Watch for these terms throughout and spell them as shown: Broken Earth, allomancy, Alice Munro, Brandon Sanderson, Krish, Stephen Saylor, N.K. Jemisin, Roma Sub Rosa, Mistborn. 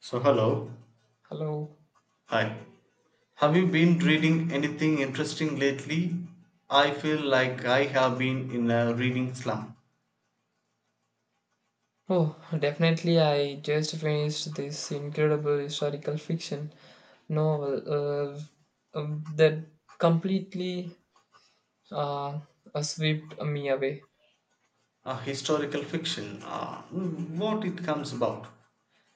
So, hello. Hello. Hi. Have Hi. you been reading anything interesting lately? I feel like I have been in a reading slump. Oh, definitely. I just finished this incredible historical fiction novel that completely uh, swept me away. A historical fiction. What it comes about.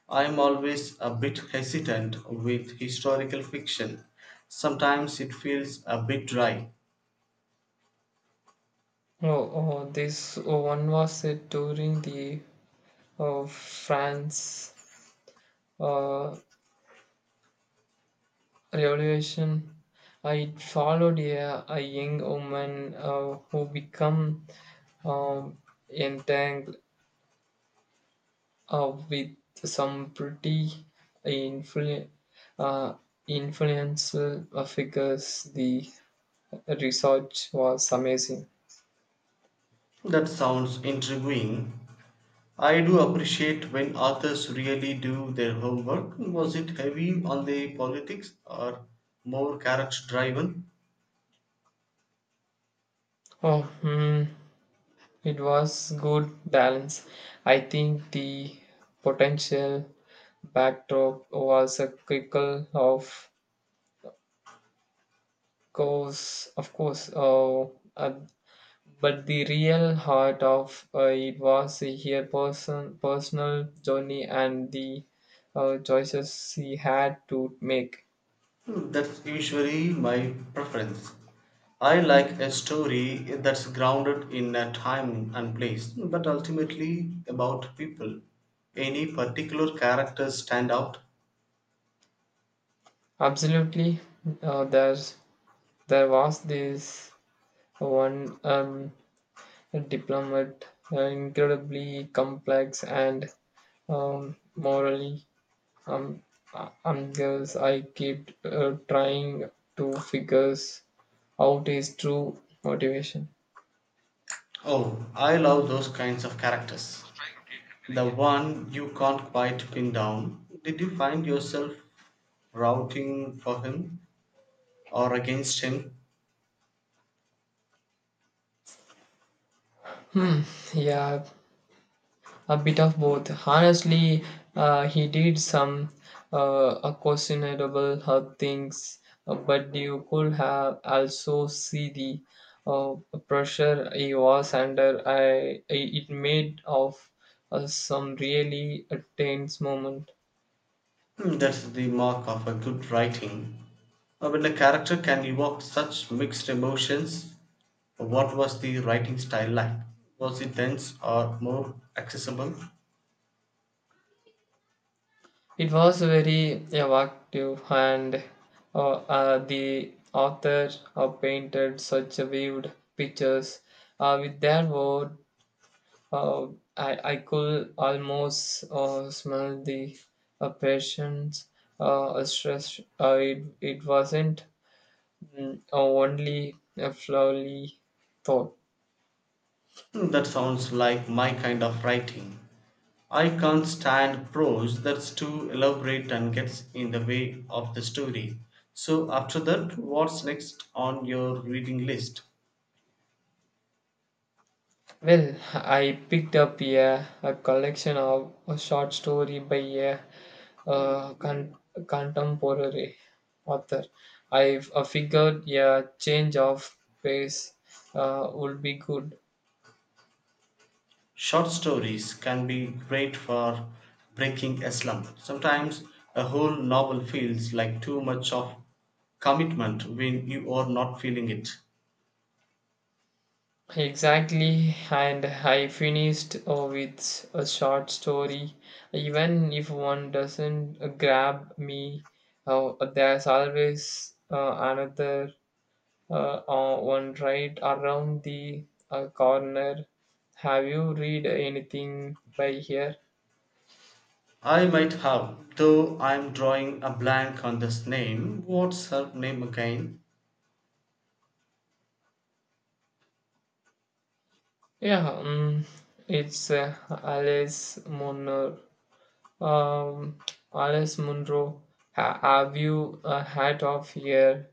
I'm always a bit hesitant with historical fiction. Sometimes it feels a bit dry. Oh, this one was set during the France uh, Revolution. I followed a young woman who became um, entangled with some pretty influ- uh, influential figures. The research was amazing. That sounds intriguing. I do appreciate when authors really do their homework. Was it heavy on the politics or more character driven? Oh, hmm, it was good balance. I think the potential backdrop was a critical of course, uh, but the real heart of it was her personal journey and the choices she had to make. Hmm, that's usually my preference. I like a story that's grounded in a time and place, but ultimately about people. Any particular characters stand out? Absolutely, uh, there's, there was this one diplomat, incredibly complex and morally um, ambiguous. I kept trying to figure out his true motivation. Oh, I love those kinds of characters. The one you can't quite pin down. Did you find yourself routing for him or against him? Hmm. Yeah, a bit of both. Honestly, he did some questionable things, but you could have also see the uh, pressure he was under. I it made of some really tense moment. Hmm, that's the mark of a good writing. When a character can evoke such mixed emotions, what was the writing style like? Was it dense or more accessible? It was very evocative, and uh, the author painted such vivid pictures with their word. Uh, I could almost smell the patient's stress. It wasn't only a flowery thought. Hmm, that sounds like my kind of writing. I can't stand prose that's too elaborate and gets in the way of the story. So, after that, what's next on your reading list? Well, I picked up a collection of a short story by a, uh con- contemporary author. I figured a change of pace would be good. Short stories can be great for breaking a slump. Sometimes a whole novel feels like too much of commitment when you are not feeling it. Exactly, and I finished with a short story. Even if one doesn't grab me, there's always another uh, one right around the corner. Have you read anything by here? I might have, though I'm drawing a blank on this name. What's her name again? Yeah, it's Alice Munner. Um, Alice Munro, have you a hat of here?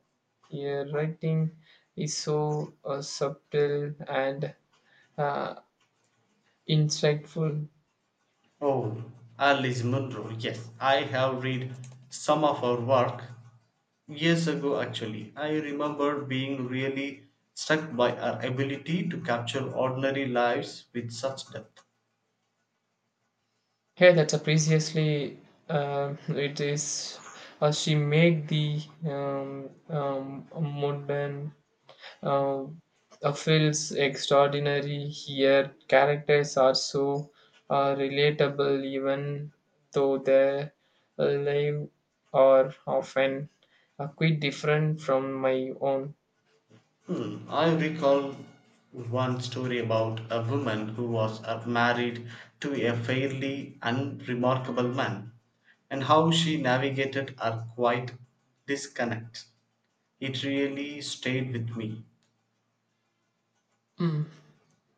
Your writing is so subtle and uh, insightful. Oh, Alice Munro. Yes, I have read some of her work years ago actually. I remember being really struck by her ability to capture ordinary lives with such depth. Here, that's a previously it is. She make the modern uh, feels extraordinary here. Characters are so relatable, even though their lives are often quite different from my own. Hmm. I recall one story about a woman who was married to a fairly unremarkable man and how she navigated her quiet disconnect. It really stayed with me. Mm.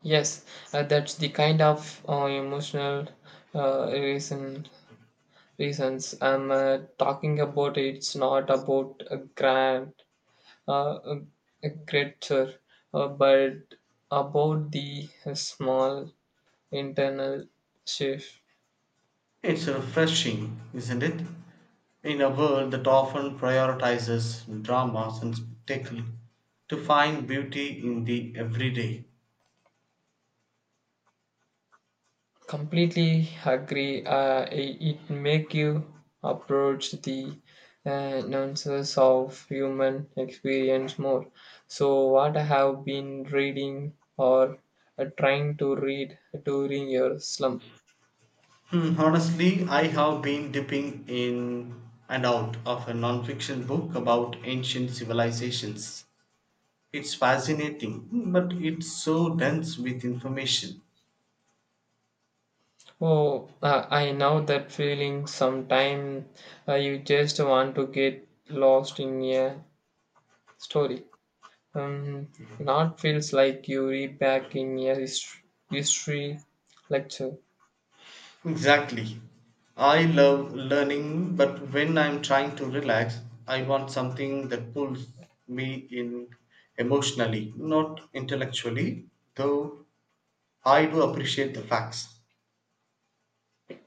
Yes, that's the kind of emotional uh, reason reasons I'm talking about. It's not about a grand uh, a, a greater, but about the small internal shift. It's refreshing, isn't it? In a world that often prioritizes dramas and spectacle, to find beauty in the everyday. Completely agree, it make you approach the nuances of human experience more. So what I have been reading or trying to read during your slump? Hmm, honestly, I have been dipping in and out of a non-fiction book about ancient civilizations. It's fascinating, but it's so dense with information. Oh, I know that feeling. Sometimes you just want to get lost in a story. Um, not feels like you read back in a history lecture. Exactly. I love learning, but when I'm trying to relax, I want something that pulls me in emotionally, not intellectually, though I do appreciate the facts.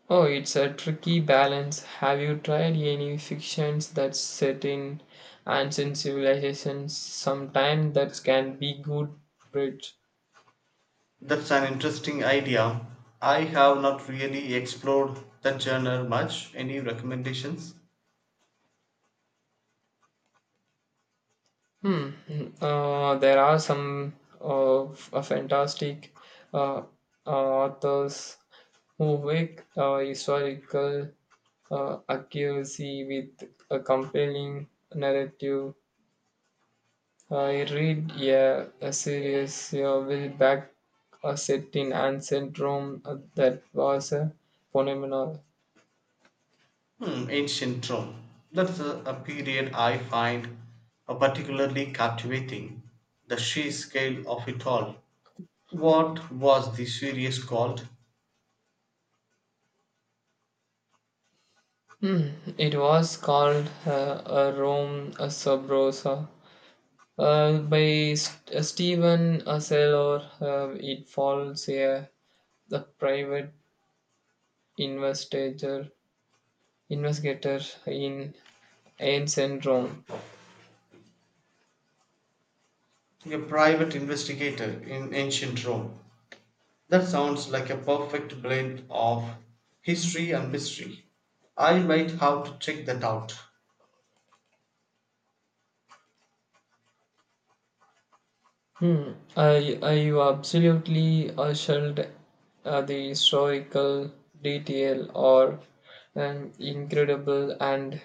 Oh, it's a tricky balance. Have you tried any fictions that set in ancient civilizations? Sometimes that can be good bridge. That's an interesting idea. I have not really explored that genre much. Any recommendations? Hmm. There are some of fantastic uh, authors who make historical accuracy with a compelling narrative. I read a series with back set in ancient Rome that was a phenomenon. Hmm, ancient Rome. That's a period I find particularly captivating. The sheer scale of it all. What was the series called? Hmm, it was called a Rome a Sub Rosa. By Stephen Saylor, it follows a private investigator, investigator in ancient Rome. A private investigator in ancient Rome. That sounds like a perfect blend of history and mystery. I might have to check that out. Hmm. I you absolutely shelled the historical detail or incredible and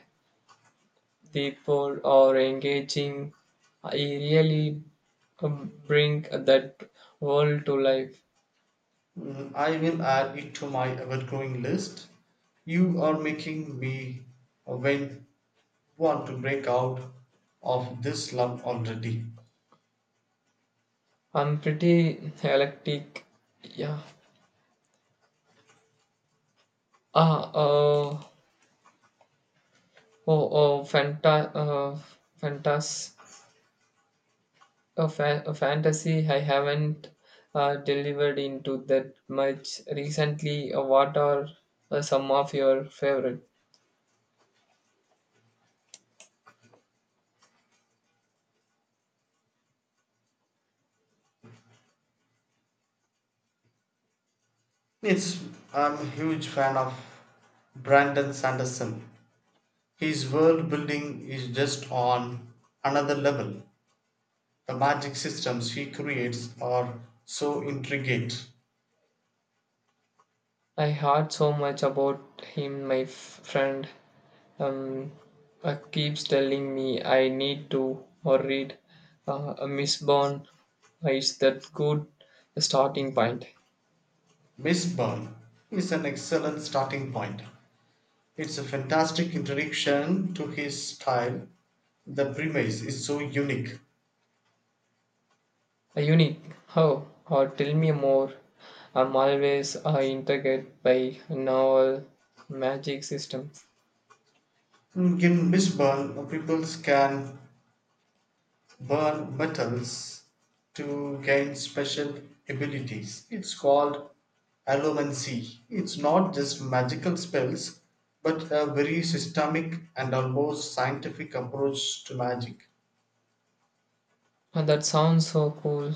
the poor or engaging. I really bring that world to life. Mm, I will add it to my ever-growing list. You are making me when want to break out of this slump already. I'm pretty eclectic. Yeah. Ah. Oh. Oh. Fanta. Uh, fantas. A, fa- A fantasy I haven't delivered into that much recently. What are some of your favorite? It's I'm a huge fan of Brandon Sanderson. His world building is just on another level. The magic systems he creates are so intricate. I heard so much about him. My friend um, keeps telling me I need to or read a Miss Bond. Is that good starting point? Mistborn is an excellent starting point. It's a fantastic introduction to his style. The premise is so unique. A unique. How? Or tell me more. I'm always intrigued by novel magic systems. Mm, in Mistborn, people can burn metals to gain special abilities. It's called allomancy. It's not just magical spells, but a very systemic and almost scientific approach to magic. And that sounds so cool.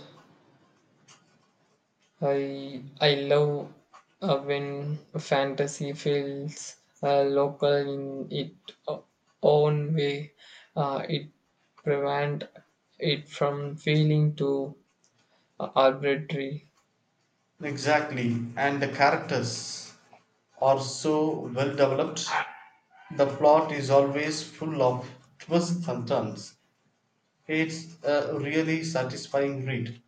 I I love when fantasy feels local in its own way. It prevent it from feeling too arbitrary. Exactly, and the characters are so well developed. The plot is always full of twists and turns. It's a really satisfying read.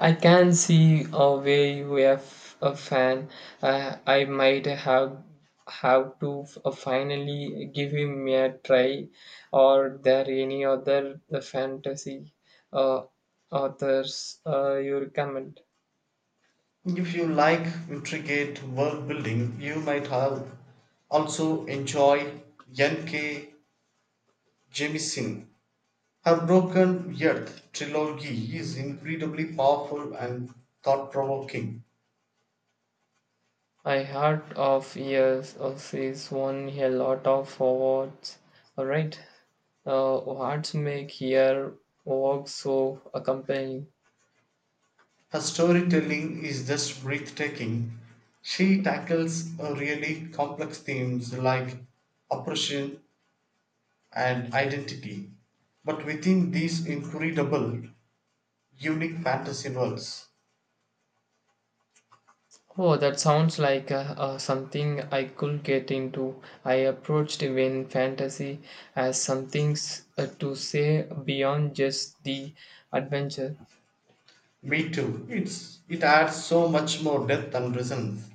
I can see where you have a fan. I might have to finally give him a try. Or there any other the fantasy uh, authors you recommend? If you like intricate world building, you might have also enjoy N.K. Jemisin. Her Broken Earth trilogy is incredibly powerful and thought provoking. I heard of years of this won a lot of awards. All right, what's make your work so compelling? Her storytelling is just breathtaking. She tackles really complex themes like oppression and identity, but within these incredible, unique fantasy worlds. Oh, that sounds like something I could get into. I approached when fantasy as something to say beyond just the adventure. Me too. It adds so much more depth and resonance.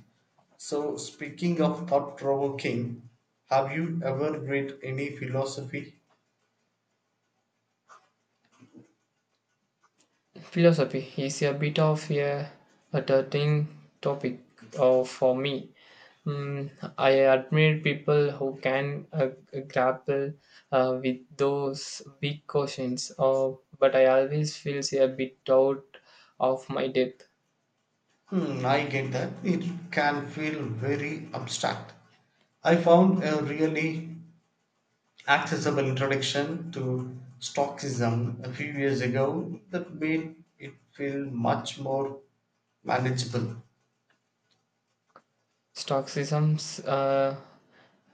So speaking of thought provoking, have you ever read any philosophy? Philosophy is a bit of a thing topic for me. Mm, I admire people who can grapple with those big questions, but I always feel a bit out of my depth. Hmm, I get that. It can feel very abstract. I found a really accessible introduction to stockism a few years ago that made it feel much more manageable, Stoicism's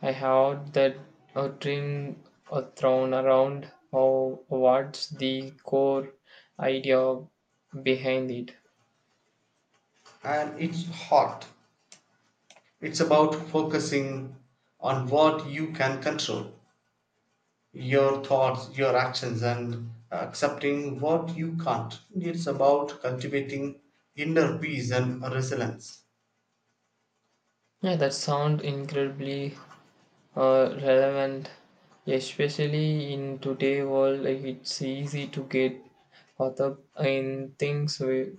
I heard that a dream thrown around or what's the core idea behind it. and it's about focusing on what you can control, your thoughts, your actions, and accepting what you can't. It's about cultivating inner peace and resilience. Yeah, that sound incredibly relevant, especially in today's world. Like, it's easy to get caught up in things we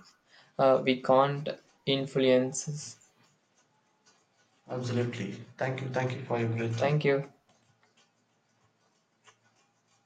uh, we can't influence. Absolutely. Thank you for your great time. Thank you.